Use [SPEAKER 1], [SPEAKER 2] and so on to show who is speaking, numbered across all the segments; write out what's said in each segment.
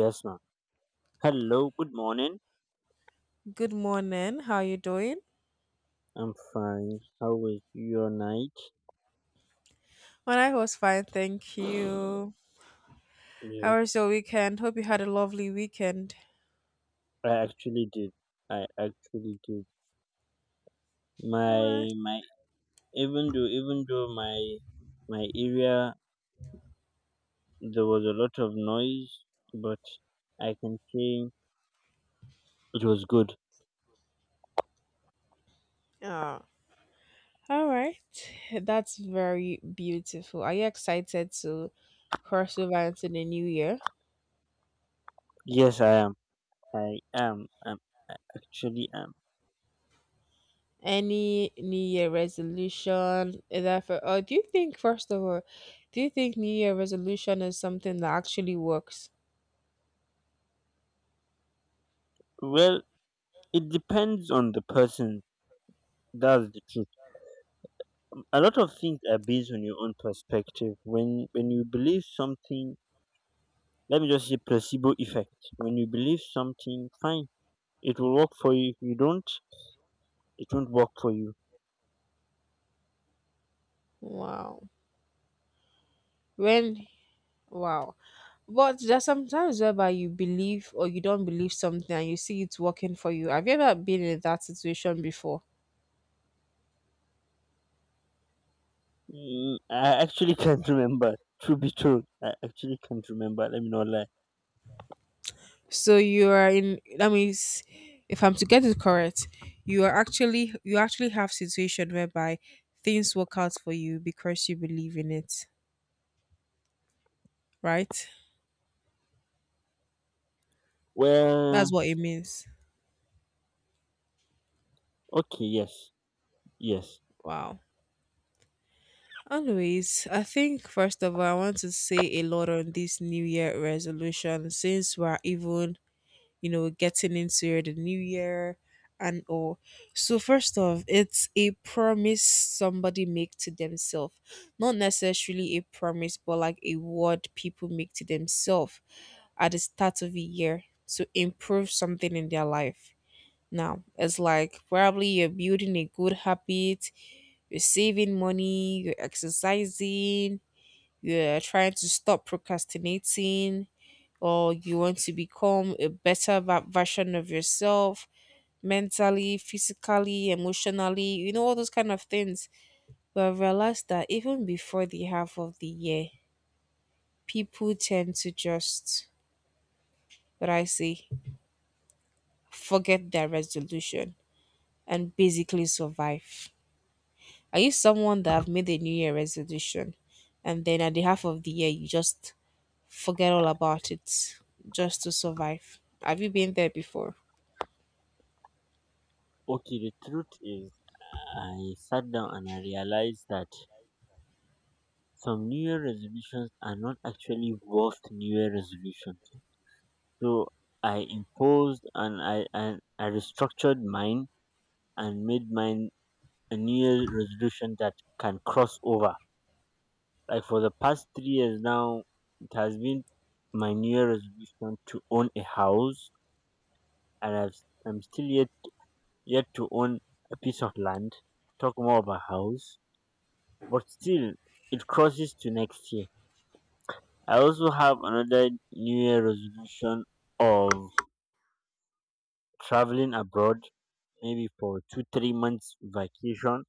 [SPEAKER 1] Yes, ma'am. Hello, good morning.
[SPEAKER 2] Good morning. How are you doing?
[SPEAKER 1] I'm fine. How was your night?
[SPEAKER 2] Well, I was fine, thank you. How was
[SPEAKER 1] Yes,
[SPEAKER 2] your weekend? Hope you had a lovely weekend.
[SPEAKER 1] I actually did. I actually did.
[SPEAKER 2] Alright.
[SPEAKER 1] My my Even though my area, there was a lot of noise, but I can say it was good.
[SPEAKER 2] Oh, all right. That's very beautiful. Are you excited to cross over into the new year?
[SPEAKER 1] Yes, I am. I am. I actually am.
[SPEAKER 2] Any new year resolution? Is that for? Oh, do you think first of all, do you think new year resolution is something that actually works?
[SPEAKER 1] Well, it depends on the person. That's the truth. A lot of things are based on your own perspective. When you believe something, let me just say, placebo effect, when you believe something fine, it will work for you. If you don't, it won't work for you.
[SPEAKER 2] Wow. When? Wow. But there's sometimes whereby you believe or you don't believe something and you see it working for you. Have you ever been in that situation before?
[SPEAKER 1] Mm, I actually can't remember, to be true. I actually can't remember, let me not lie.
[SPEAKER 2] So you are in that means if I'm to get it correct, you are actually you actually have situation whereby things work out for you because you believe in it, right?
[SPEAKER 1] Well,
[SPEAKER 2] That's what it means.
[SPEAKER 1] okay. Yes. Yes.
[SPEAKER 2] Wow. Anyways, I think first of all, I want to say a lot on this New Year resolution since we're even getting into the new year and all. So first off, it's a promise somebody make to themselves. Not necessarily a promise, but like a word people make to themselves at the start of the year to improve something in their life. Now, it's like probably you're building a good habit, you're saving money, you're exercising, you're trying to stop procrastinating, or you want to become a better version of yourself mentally, physically, emotionally, all those kind of things. But I realized that even before the half of the year, people tend to just, what I say, forget their resolution and basically survive. Are you someone that have made a New Year resolution and then at the half of the year you just forget all about it just to survive? Have you been there before?
[SPEAKER 1] Okay, the truth is I sat down and I realized that some new year resolutions are not actually worth new year resolution. So I imposed, and I restructured mine, and made mine a New Year resolution that can cross over. Like for the past 3 years now, it has been my New Year resolution to own a house, and I've, I'm still yet to own a piece of land. Talk more about house, but still, it crosses to next year. I also have another New Year resolution of traveling abroad, maybe for 2 3 months vacation.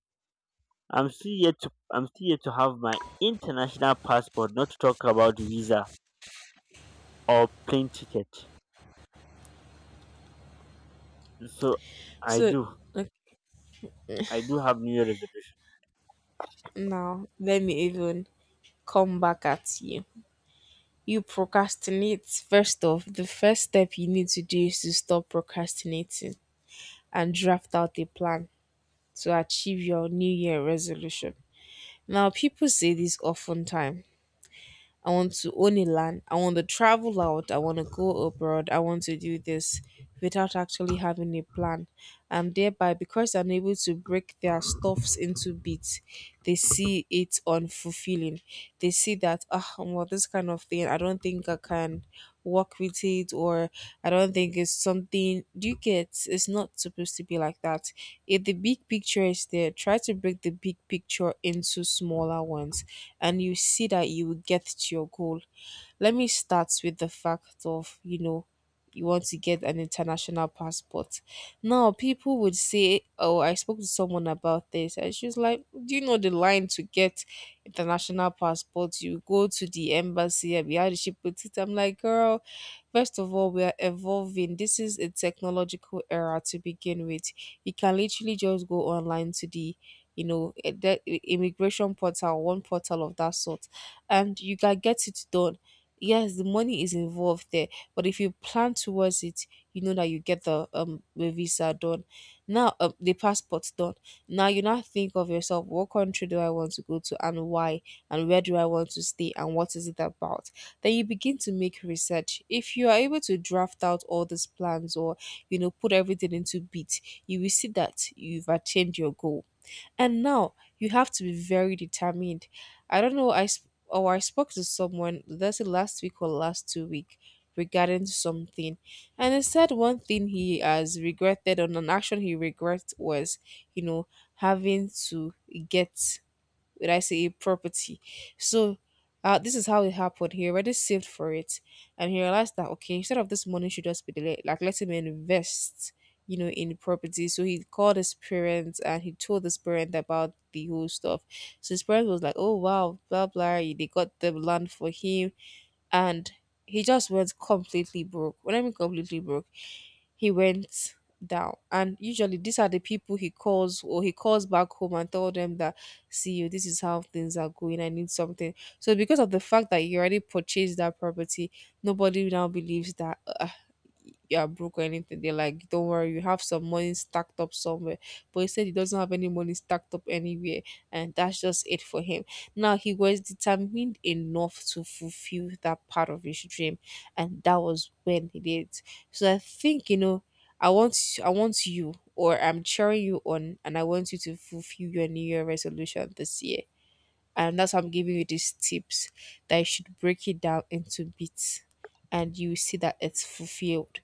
[SPEAKER 1] I'm still yet to have my international passport. Not to talk about visa or plane ticket. So I
[SPEAKER 2] So,
[SPEAKER 1] do I do have New Year resolution.
[SPEAKER 2] Now, let me even come back at you. You procrastinate. First off, the first step you need to do is to stop procrastinating and draft out a plan to achieve your New Year resolution. Now, people say this often time, I want to own a land. I want to travel out. I want to go abroad. I want to do this without actually having a plan. And thereby, because I'm able to break their stuffs into bits, they see it unfulfilling. They see that, ah, well, this kind of thing, I don't think I can work with it or I don't think it's something do you get it's not supposed to be like that. If the big picture is there, try to break the big picture into smaller ones and you see that you will get to your goal. Let me start with the fact of, you want to get an international passport. Now people would say, oh, I spoke to someone about this and she was like, do you know the line to get international passport? You go to the embassy and we had to ship with it. I'm like, girl, first of all, we are evolving. This is a technological era to begin with. You can literally just go online to the the immigration portal, one portal of that sort, and you can get it done. Yes, the money is involved there, but if you plan towards it, you know that you get the visa done. Now, the passport done. Now you now think of yourself: what country do I want to go to, and why, and where do I want to stay, and what is it about? Then you begin to make research. If you are able to draft out all these plans or put everything into beat, you will see that you've attained your goal, and now you have to be very determined. I don't know, I sp- or I spoke to someone that's it last week or last 2 week regarding something, and he said one thing he has regretted on an action he regrets was you know having to get, would I say, a property. So this is how it happened. He already saved for it, and he realized that okay, instead of this money should just be like let him invest, in property. So he called his parents and he told his parent about the whole stuff. So his parents was like, "Oh wow, blah blah." They got the land for him, and he just went completely broke. When I mean completely broke, he went down. And usually these are the people he calls or he calls back home and tell them that see you, this is how things are going. I need something. So because of the fact that he already purchased that property, nobody now believes that "Ah, you are broke or anything." They're like, don't worry, you have some money stacked up somewhere. But he said he doesn't have any money stacked up anywhere, and that's just it for him. Now he was determined enough to fulfill that part of his dream, and that was when he did. So I think I want I want you, or I'm cheering you on, and I want you to fulfill your New Year resolution this year. And that's why I'm giving you these tips that you should break it down into bits and you see that it's fulfilled.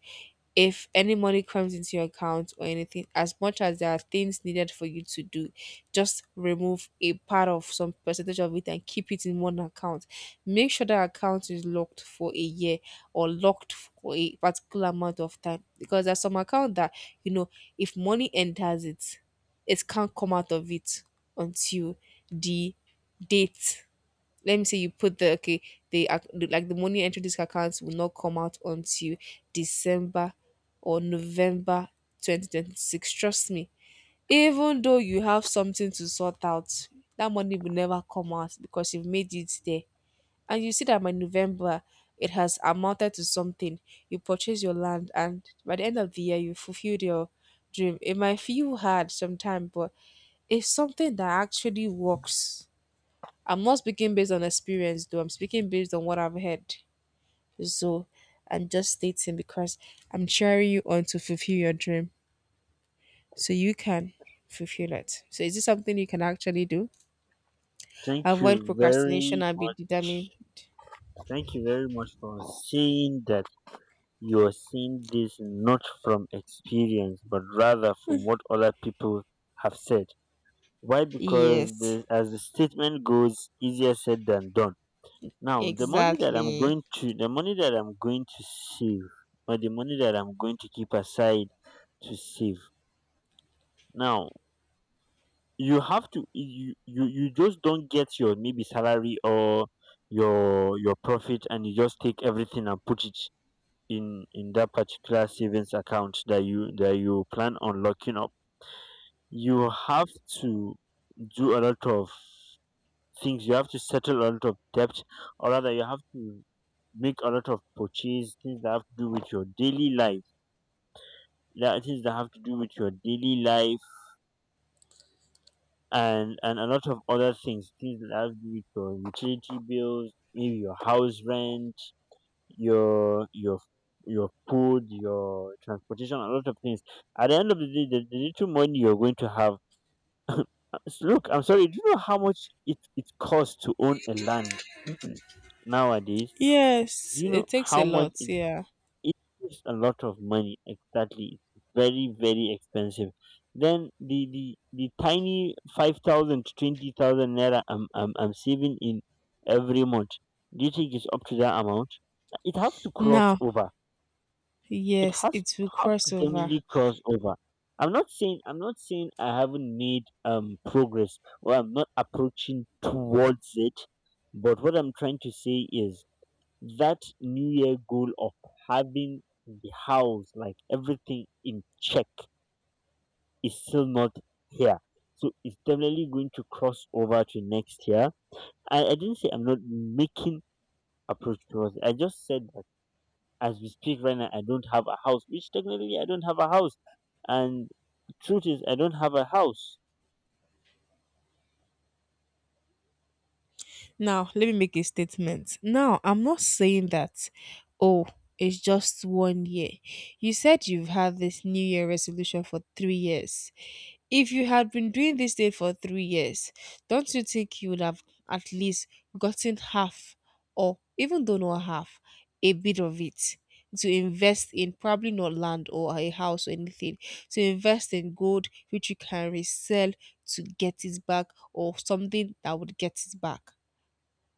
[SPEAKER 2] If any money comes into your account or anything, as much as there are things needed for you to do, just remove a part of some percentage of it and keep it in one account. Make sure that account is locked for a year or locked for a particular amount of time, because there's some account that you know if money enters it, it can't come out of it until the date. Let me say you put the okay, the like the money entering this account will not come out until december or november 2026. Trust me, even though you have something to sort out, that money will never come out because you've made it there, and you see that by november it has amounted to something. You purchase your land and by the end of the year you fulfilled your dream. It might feel hard sometimes, but it's something that actually works. I'm not speaking based on experience though. I'm speaking based on what I've heard. So I'm just stating because I'm cheering you on to fulfill your dream. So you can fulfill it. So is this something you can actually do?
[SPEAKER 1] Thank
[SPEAKER 2] Avoid
[SPEAKER 1] you
[SPEAKER 2] procrastination
[SPEAKER 1] very
[SPEAKER 2] and be
[SPEAKER 1] much.
[SPEAKER 2] determined.
[SPEAKER 1] Thank you very much for saying that you are seeing this not from experience but rather from what other people have said. Why? Because
[SPEAKER 2] Yes,
[SPEAKER 1] the, as the statement goes, easier said than done. Now
[SPEAKER 2] exactly.
[SPEAKER 1] the money that I'm going to save, or the money that I'm going to keep aside to save. Now you have to you just don't get your maybe salary or your profit, and you just take everything and put it in that particular savings account that you plan on locking up. You have to do a lot of things. You have to settle a lot of debt, or rather you have to make a lot of purchase, things that have to do with your daily life, that things that have to do with your daily life, and a lot of other things, things that have to do with your utility bills, maybe your house rent, your your your food, your transportation, a lot of things. At the end of the day, the little money you're going to have. Look, I'm sorry, do you know how much it costs to own a land nowadays? Do
[SPEAKER 2] Yes,
[SPEAKER 1] you know
[SPEAKER 2] it takes a
[SPEAKER 1] how much
[SPEAKER 2] lot, yeah.
[SPEAKER 1] it is? A lot of money. Exactly, it's very very expensive. Then the tiny 5,000 to 20,000 naira I'm saving in every month. Do you think it's up to that amount? It has to cross
[SPEAKER 2] Now,
[SPEAKER 1] over.
[SPEAKER 2] yes, it
[SPEAKER 1] It
[SPEAKER 2] will
[SPEAKER 1] have to
[SPEAKER 2] cross over.
[SPEAKER 1] definitely cross over. I'm not saying I haven't made progress, or I'm not approaching towards it. But what I'm trying to say is that new year goal of having the house, like, everything in check is still not here. So it's definitely going to cross over to next year. I didn't say I'm not making approach towards it. I just said that as we speak right now I don't have a house, which technically I don't have a house. And truth is I don't have a house.
[SPEAKER 2] Now, let me make a statement. Now, I'm not saying that, oh, it's just one year. You said you've had this New Year resolution for 3 years. If you had been doing this thing for 3 years, don't you think you would have at least gotten half, or even though not half, a bit of it? To invest in probably not land or a house or anything, to invest in gold which you can resell to get it back or something that would get it back.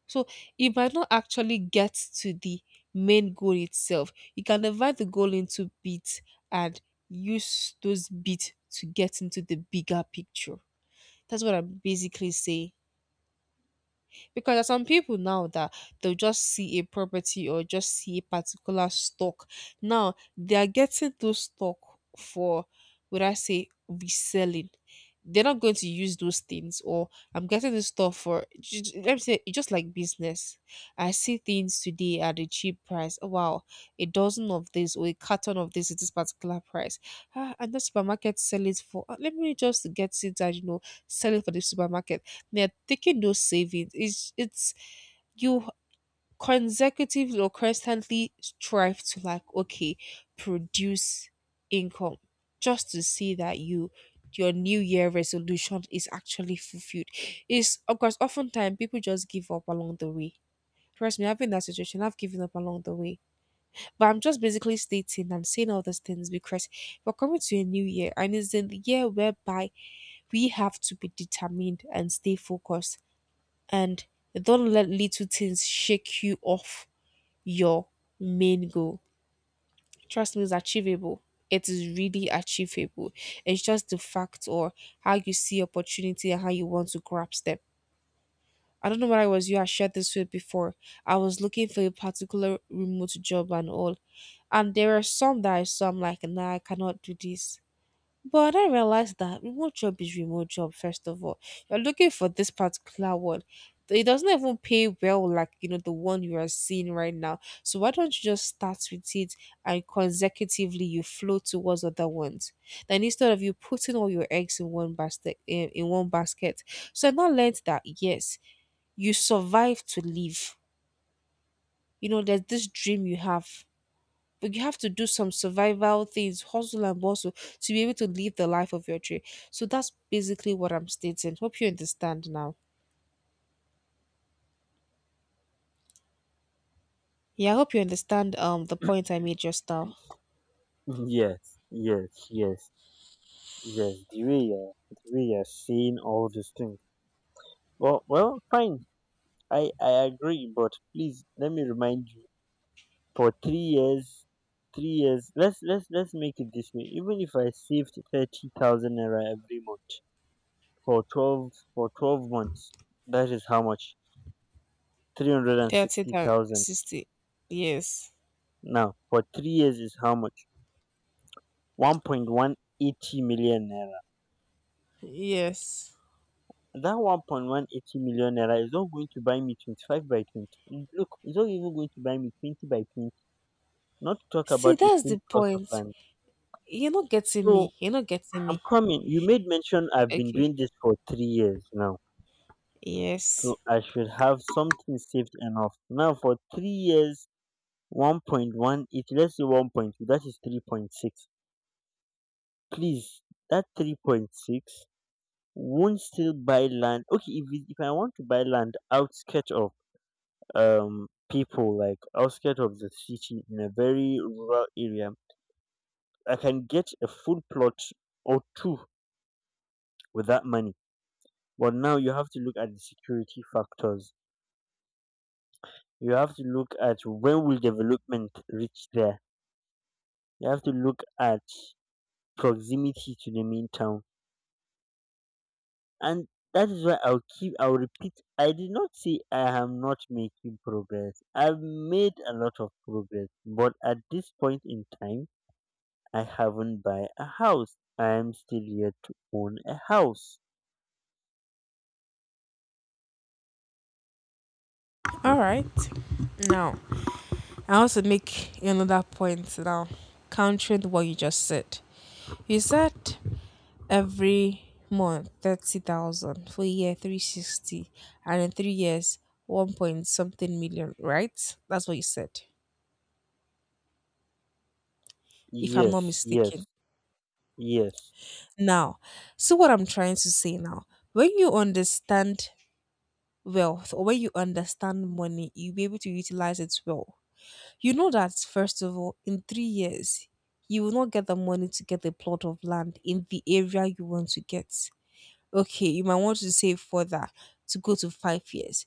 [SPEAKER 2] So you might not actually get to the main goal itself. You can divide the goal into bits and use those bits to get into the bigger picture. That's what I'm basically saying, because there's some people now that they'll just see a property or just see a particular stock. Now they are getting those stock for, would I say, reselling. They're not going to use those things, or I'm getting this stuff for let me say it's just like business. I see things today at a cheap price. Oh, wow, a dozen of this or a carton of this at this particular price. Ah, and the supermarket sell it for, ah, let me just get it and sell it for the supermarket. They're taking those savings. It's you consecutively or constantly strive to like okay produce income just to see that you your new year resolution is actually fulfilled. Is of course oftentimes people just give up along the way. Trust me, I've been in that situation. I've given up along the way, but I'm just basically stating and saying all these things because we're coming to a new year and it's in the year whereby we have to be determined and stay focused and don't let little things shake you off your main goal. Trust me, it's achievable. It is really achievable. It's just the fact or how you see opportunity and how you want to grasp them. I don't know whether I was you I shared this with before. I was looking for a particular remote job and all. And there are some that I saw I'm like, nah, I cannot do this. But I realized that remote job is remote job, first of all. You're looking for this particular one. It doesn't even pay well like the one you are seeing right now. So why don't you just start with it and consecutively you flow towards other ones? Then instead of you putting all your eggs in one basket in one basket. So I now learned that yes, you survive to live. You know, there's this dream you have but you have to do some survival things, hustle and bustle to be able to live the life of your dream. So that's basically what I'm stating. Hope you understand now. Yeah, I hope you understand the point I made just now.
[SPEAKER 1] Yes, yes, yes. Yes, the way you're saying all these things, fine. I agree, but please let me remind you. For 3 years, 3 years. Let's make it this way. Even if I saved 30,000 naira every month for 12 months, that is how much? three hundred and
[SPEAKER 2] 30
[SPEAKER 1] sixty
[SPEAKER 2] and
[SPEAKER 1] thousand.
[SPEAKER 2] 60. Yes.
[SPEAKER 1] Now for 3 years is how much? 1.18 million naira.
[SPEAKER 2] Yes.
[SPEAKER 1] That 1.18 million naira is not going to buy me 25 by 20. Look, it's not even going to buy me 20 by 20. Not to talk
[SPEAKER 2] See,
[SPEAKER 1] about a
[SPEAKER 2] that's
[SPEAKER 1] full
[SPEAKER 2] the
[SPEAKER 1] plot of
[SPEAKER 2] point.
[SPEAKER 1] land.
[SPEAKER 2] You're not getting
[SPEAKER 1] So
[SPEAKER 2] me. You're not getting
[SPEAKER 1] I'm
[SPEAKER 2] me.
[SPEAKER 1] coming. You made mention I've been
[SPEAKER 2] Okay.
[SPEAKER 1] doing this for 3 years now.
[SPEAKER 2] Yes.
[SPEAKER 1] So I should have something saved enough. Now for 3 years, 1.18, let's say 1.2, that is 3.6. Please, that 3.6 won't still buy land. Okay, if, it- if I want to buy land outskirts of people, like outskirts of the city in a very rural area, I can get a full plot or two with that money. But now you have to look at the security factors. You have to look at, when will development reach there. You have to look at proximity to the main town. And that is why I'll keep I'll repeat, I did not say I am not making progress. I've made a lot of progress, but at this point in time, I haven't buy a house. I am still yet to own a house.
[SPEAKER 2] All right. Now, I want to make another point now, countering what you just said. You said every month 30,000 for a year 360, and in 3 years 1 point something million, right? That's what you said, if I'm not
[SPEAKER 1] Yes, yes,
[SPEAKER 2] mistaken.
[SPEAKER 1] yes.
[SPEAKER 2] Now, see what I'm trying to say now. When you understand wealth or when you understand money, you'll be able to utilize it well. You know that, first of all, in 3 years, you will not get the money to get a plot of land in the area you want to get. Okay, you might want to save for that to go to 5 years.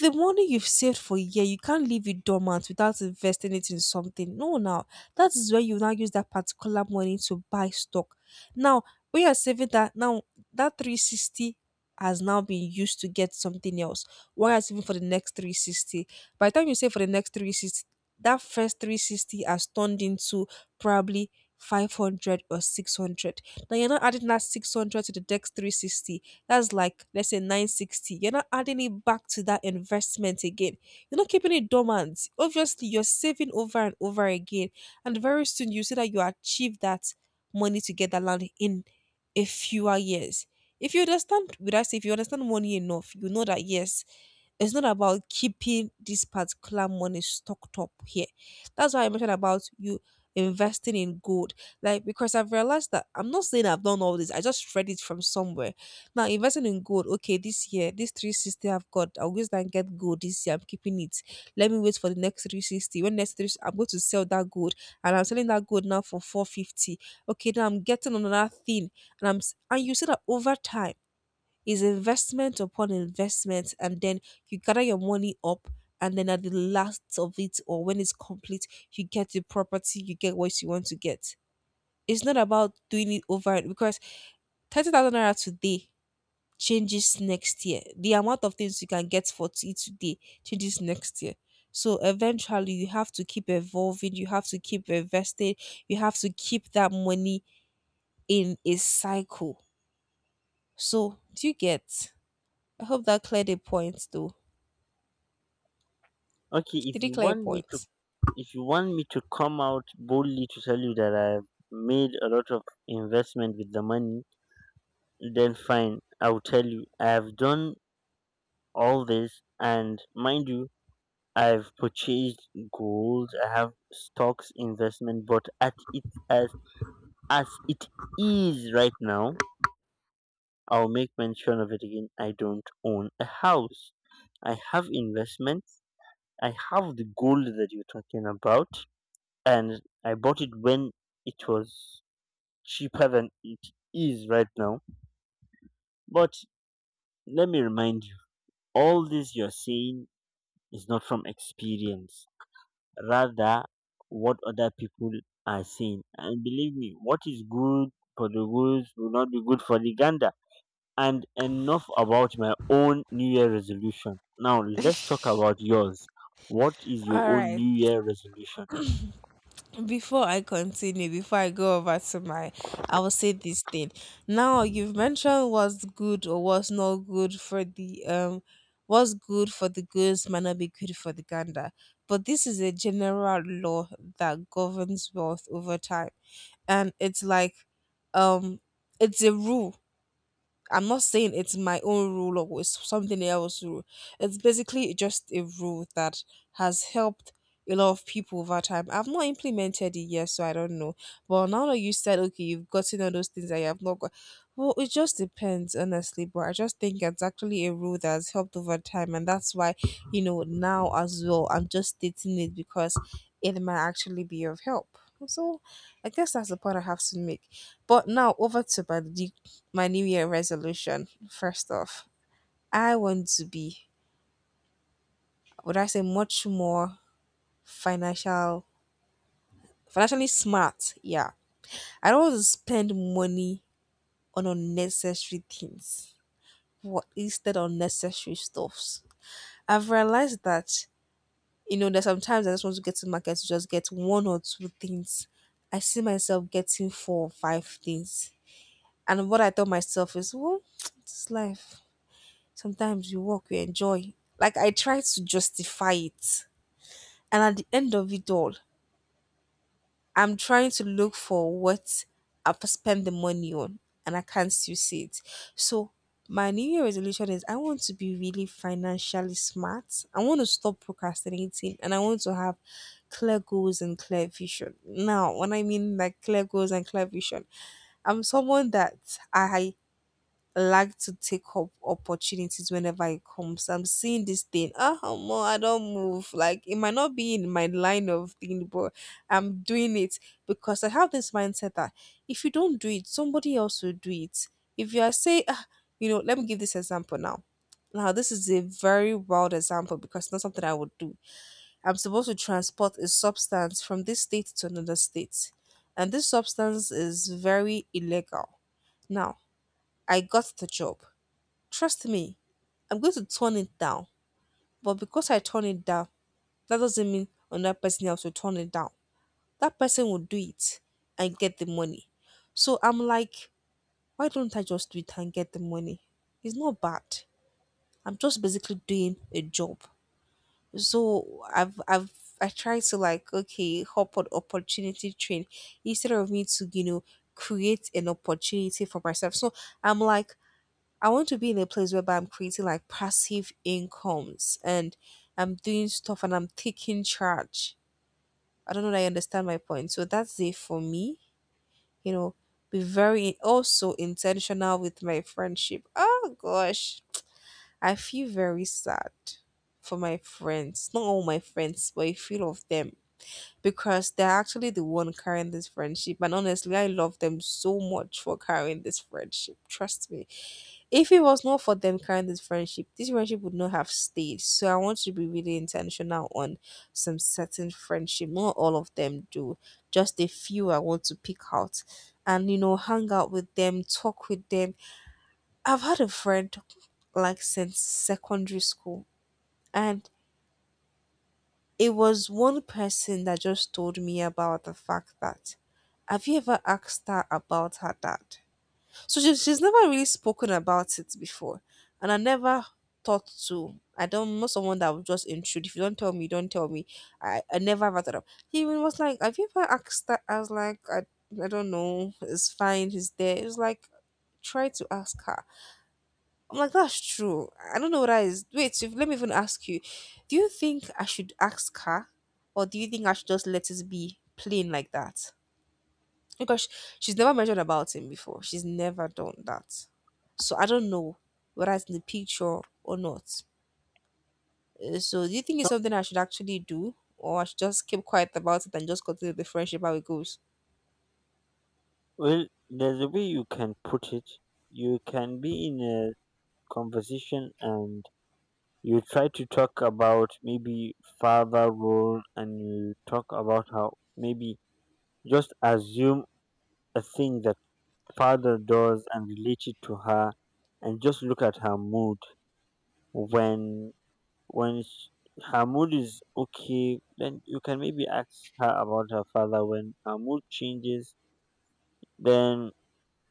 [SPEAKER 2] The money you've saved for a year, you can't leave it dormant without investing it in something. No, now that is where you now use that particular money to buy stock. Now, when you're saving that, now that 360 has now been used to get something else. Why are saving for the next 360? By the time you save for the next 360, that first 360 has turned into probably 500 or 600. Now you're not adding that 600 to the next 360, that's like let's say 960. You're not adding it back to that investment again. You're not keeping it dormant. Obviously, you're saving over and over again. And very soon you see that you achieve that money to get that land in a fewer years. If you understand, would I say if you understand money enough, you know that yes, it's not about keeping this particular money stocked up here. That's why I mentioned about you investing in gold. Like because I've realized that I'm not saying I've done all this, I just read it from somewhere. Now investing in gold. Okay, this year, this 360 I've got, I'll use that and get gold this year. I'm keeping it. Let me wait for the next 360. When next 3 I'm going to sell that gold and I'm selling that gold now for 450. Okay, now I'm getting another thing. And you see that over time is investment upon investment, and then you gather your money up. And then at the last of it, or when it's complete, you get the property, you get what you want to get. It's not about doing it over because 30,000 naira today changes next year. The amount of things you can get for it today changes next year. So eventually, you have to keep evolving, you have to keep investing, you have to keep that money in a cycle. So, do you get? I hope that cleared a point though.
[SPEAKER 1] Okay, if
[SPEAKER 2] Did
[SPEAKER 1] you
[SPEAKER 2] it clear a
[SPEAKER 1] want me to
[SPEAKER 2] point?
[SPEAKER 1] if you want me to come out boldly to tell you that I've made a lot of investment with the money, then fine. I'll tell you. I've done all this, and mind you, I've purchased gold. I have stocks investment, but at it as it is right now, I'll make mention of it again. I don't own a house. I have investments. I have the gold that you're talking about, and I bought it when it was cheaper than it is right now. But let me remind you, all this you're saying is not from experience, rather, what other people are saying. And believe me, what is good for the goose will not be good for the gander. And enough about my own New Year resolution. Now, let's talk about yours. What is your
[SPEAKER 2] All
[SPEAKER 1] own
[SPEAKER 2] right.
[SPEAKER 1] New Year resolution?
[SPEAKER 2] Before I continue, before I go over to my, I will say this thing. Now you've mentioned what's good or what's not good for the what's good for the goose might not be good for the gander. But this is a general law that governs wealth over time, and it's like, um, it's a rule I'm not saying it's my own rule or it's something else rule. It's basically just a rule that has helped a lot of people over time. I've not implemented it yet, so I don't know. But now that you said okay, you've gotten all those things that you have not got, well, it just depends, honestly, but I just think it's actually a rule that has helped over time and that's why, you know, now as well I'm just stating it because it might actually be of help. So I guess that's the point I have to make. But now over to my New Year resolution. First off, I want to be, would I say, much more financial, financially smart. Yeah, I don't want to spend money on unnecessary things. What instead of unnecessary stuffs. I've realized that you know there's sometimes I just want to get to market to just get one or two things. I see myself getting four or five things, and what I tell myself is, well, it's life. Sometimes you work, you enjoy. Like I try to justify it. And at the end of it all, I'm trying to look for what I've spent the money on and I can't still see it. So my new year resolution is I want to be really financially smart. I want to stop procrastinating and I want to have clear goals and clear vision. Now, when I mean like clear goals and clear vision, I'm someone that I like to take up opportunities whenever it comes. I'm seeing this thing. Ah, more I don't move. Like it might not be in my line of thing, but I'm doing it because I have this mindset that if you don't do it, somebody else will do it. If you are say, ah, you know, let me give this example now. Now, this is a very wild example because it's not something I would do. I'm supposed to transport a substance from this state to another state, and this substance is very illegal. Now, I got the job. Trust me, I'm going to turn it down. But because I turn it down, that doesn't mean another person else will turn it down. That person will do it and get the money. So I'm like, why don't I just do it and get the money? It's not bad. I'm just basically doing a job. So I've I try to like okay hop on opportunity train instead of me to you know create an opportunity for myself. So I'm like I want to be in a place whereby I'm creating like passive incomes and I'm doing stuff and I'm taking charge. I don't know that you understand my point. So that's it for me. You know, be very also intentional with my friendship. Oh gosh, I feel very sad for my friends. Not all my friends, but a few of them. Because they're actually the one carrying this friendship. And honestly, I love them so much for carrying this friendship. Trust me. If it was not for them carrying this friendship would not have stayed. So I want to be really intentional on some certain friendship. Not all of them do. Just a few I want to pick out and you know, hang out with them, talk with them. I've had a friend like since secondary school and it was one person that just told me about the fact that have you ever asked her about her dad? So she's never really spoken about it before. And I never thought to. I don't know someone that would just intrude. If you don't tell me, you don't tell me. I never ever thought of. He even was like, have you ever asked that? I was like, I don't know. It's fine. He's there. It was like, try to ask her. I'm like, that's true. I don't know what that is. Wait, if, let me even ask you. Do you think I should ask her? Or do you think I should just let it be plain like that? Because she's never mentioned about him before. She's never done that. So I don't know whether it's in the picture or not. So do you think
[SPEAKER 1] So,
[SPEAKER 2] it's something I should actually do, or I should just keep quiet about it and just continue the friendship how it goes?
[SPEAKER 1] well, there's a way you can put it. You can be in a conversation, and you try to talk about maybe father role, and you talk about how maybe just assume a thing that father does and relate it to her, and just look at her mood. when when sh her mood is okay, then you can maybe ask her about her father. When her mood changes, then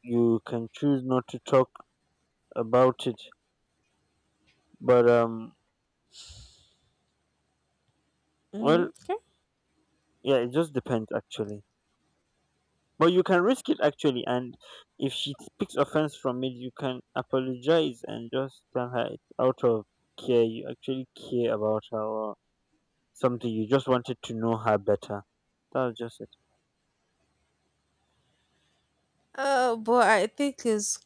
[SPEAKER 1] you can choose not to talk about it. But
[SPEAKER 2] Mm,
[SPEAKER 1] well,
[SPEAKER 2] okay.
[SPEAKER 1] yeah, it just depends, actually. But you can risk it actually, and if she takes offense from it, you can apologize and just tell her it's out of care. You actually care about her or something. You just wanted to know her better. That's just it.
[SPEAKER 2] But I think it's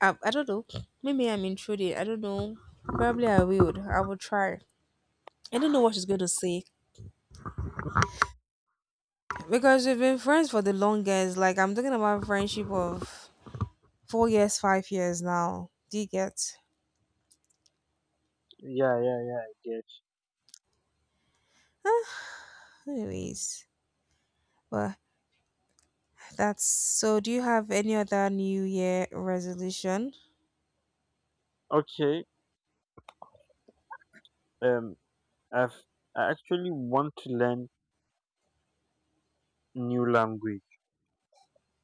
[SPEAKER 2] I don't know. Maybe I'm intruding. I don't know. Probably I would. I will try. I don't know what she's going to say because we've been friends for the longest. Like I'm talking about friendship of 4 years, 5 years now. Do you get?
[SPEAKER 1] Yeah, yeah, yeah.
[SPEAKER 2] Anyways, well, that's so. Do you have any other New Year resolution?
[SPEAKER 1] I get. Okay. Um, I've I actually want to learn new language.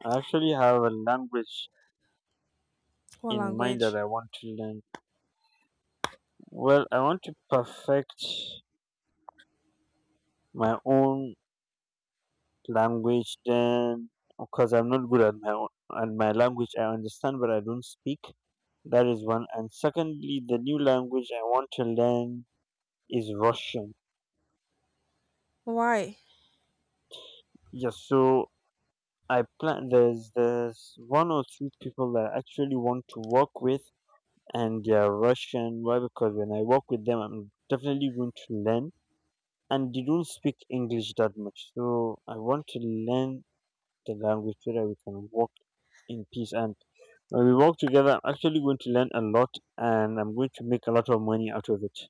[SPEAKER 1] I actually have a language
[SPEAKER 2] What
[SPEAKER 1] in mind that
[SPEAKER 2] language?
[SPEAKER 1] I want to learn. Well, I want to perfect my own language, then, because I'm not good at my own, at my language. I understand but I don't speak. That is one. And secondly, the new language I want to learn is Russian.
[SPEAKER 2] Why?
[SPEAKER 1] Yes. So I plan there's one or two people that I actually want to work with, and they are Russian. Why? Because when I work with them, I'm definitely going to learn. And they don't speak English that much, so I want to learn the language so that we can work in peace. And when we work together, I'm actually going to learn a lot, and I'm going to make a lot of money out of it.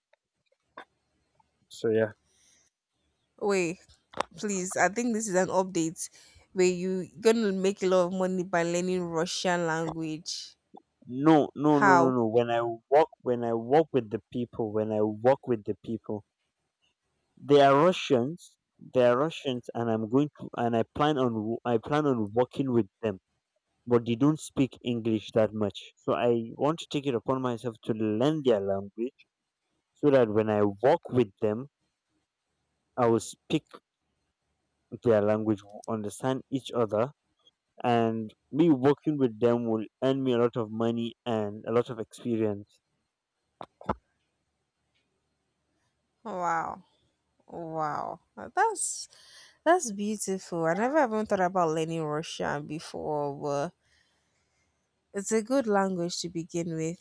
[SPEAKER 1] So yeah.
[SPEAKER 2] Wait, please. I think this is an update where you gonna make a lot of money by learning Russian language.
[SPEAKER 1] No, no, no, no,
[SPEAKER 2] How?
[SPEAKER 1] no. When I walk with the people, When I walk with the people, they are Russians. They are Russians, and I'm going to, and I plan on I plan on working with them. But they don't speak English that much. So I want to take it upon myself to learn their language so that when I walk with them I will speak their language. We'll understand each other, and me working with them will earn me a lot of money and a lot of experience.
[SPEAKER 2] Wow, wow. That's beautiful. I never even thought about learning Russian before, but it's a good language to begin with.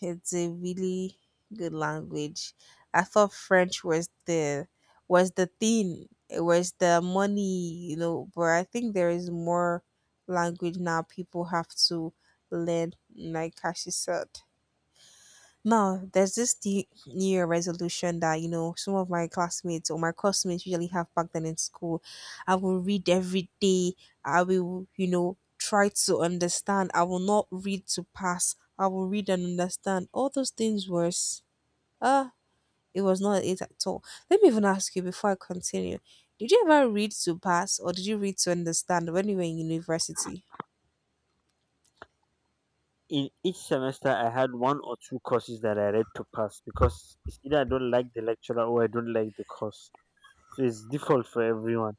[SPEAKER 2] It's a really good language. I thought French was the thing. It was the money, you know, but I think there is more language now people have to learn, like Cassie said. Now, there's this new New year resolution that, you know, some of my classmates or my classmates usually have back then in school. I will read every day. I will, you know, try to understand. I will not read to pass. I will read and understand. All those things was, uh, it was not it at all. Let me even ask you before I continue. Did you ever read to pass or did you read to understand when you were in university?
[SPEAKER 1] In each semester, I had one or two courses that I read to pass, because it's either I don't like the lecturer or I don't like the course. So it's default for everyone.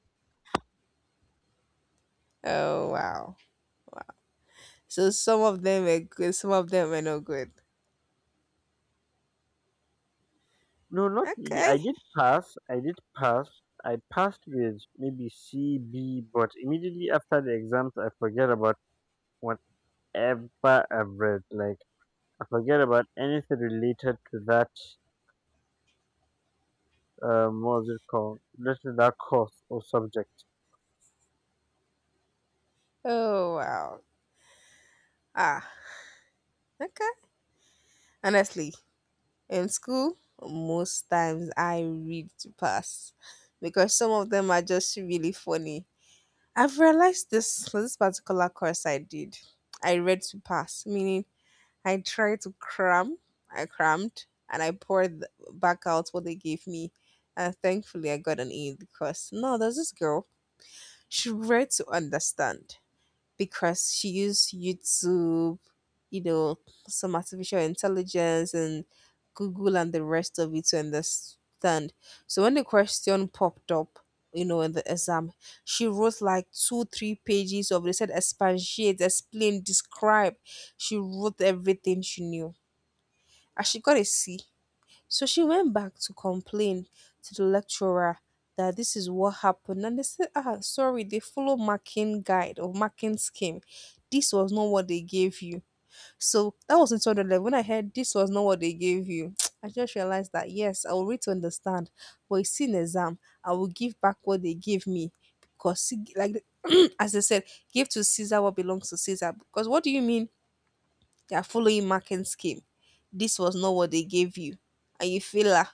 [SPEAKER 2] Oh, wow. So some of them were good, some of them were not good.
[SPEAKER 1] No, not really. I
[SPEAKER 2] Okay.
[SPEAKER 1] did pass. I did pass. I passed with maybe C, B, but immediately after the exams, I forget about whatever I've read. Like, I forget about anything related to that what was it called, literally that course or subject.
[SPEAKER 2] Oh wow. Ah, okay. Honestly, in school, most times I read to pass because some of them are just really funny. I've realized this for this particular course I did. I read to pass, meaning I tried to cram, I crammed, and I poured back out what they gave me. And thankfully, I got an A because no, there's this girl. She read to understand because she used YouTube, you know, some artificial intelligence and Google and the rest of it to understand. So when the question popped up, you know, in the exam, she wrote like two, three pages of they said expatiate, explain, describe. She wrote everything she knew. And she got a C. So she went back to complain to the lecturer that this is what happened. And they said, ah, sorry, they follow marking guide or marking scheme. This was not what they gave you. So that was in 2011. When I heard this was not what they gave you, I just realized that yes, I will read to understand. But it's in exam, I will give back what they gave me. Because, see, like, as I said, give to Caesar what belongs to Caesar. Because what do you mean they are following marking scheme? This was not what they gave you. And you feel like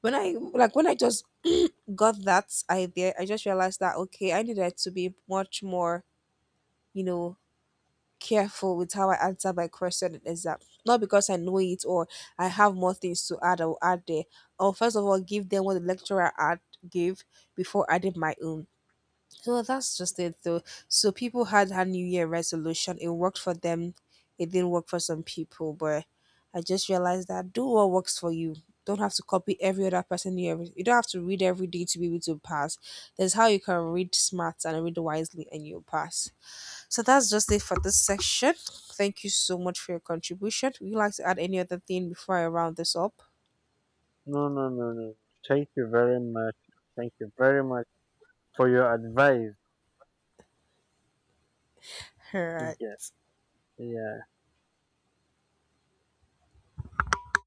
[SPEAKER 2] when I just got that idea, I just realized that okay, I needed to be much more, you know, careful with how I answer my question in exam. Not because I know it or I have more things to add or add there. I'll first of all give them what the lecturer had gave before adding my own. So that's just it though. So people had a New Year resolution. It worked for them. It didn't work for some people, but I just realized that do what works for you. Don't have to copy every other person you ever, you don't have to read every day to be able to pass. There's how you can read smart and read wisely and you'll pass. So that's just it for this section. Thank you so much for your contribution. Would you like to add any other thing before I round this up?
[SPEAKER 1] No, no, no, no. Thank you very much. Thank you very much for your advice.
[SPEAKER 2] All right.
[SPEAKER 1] Yeah, yeah.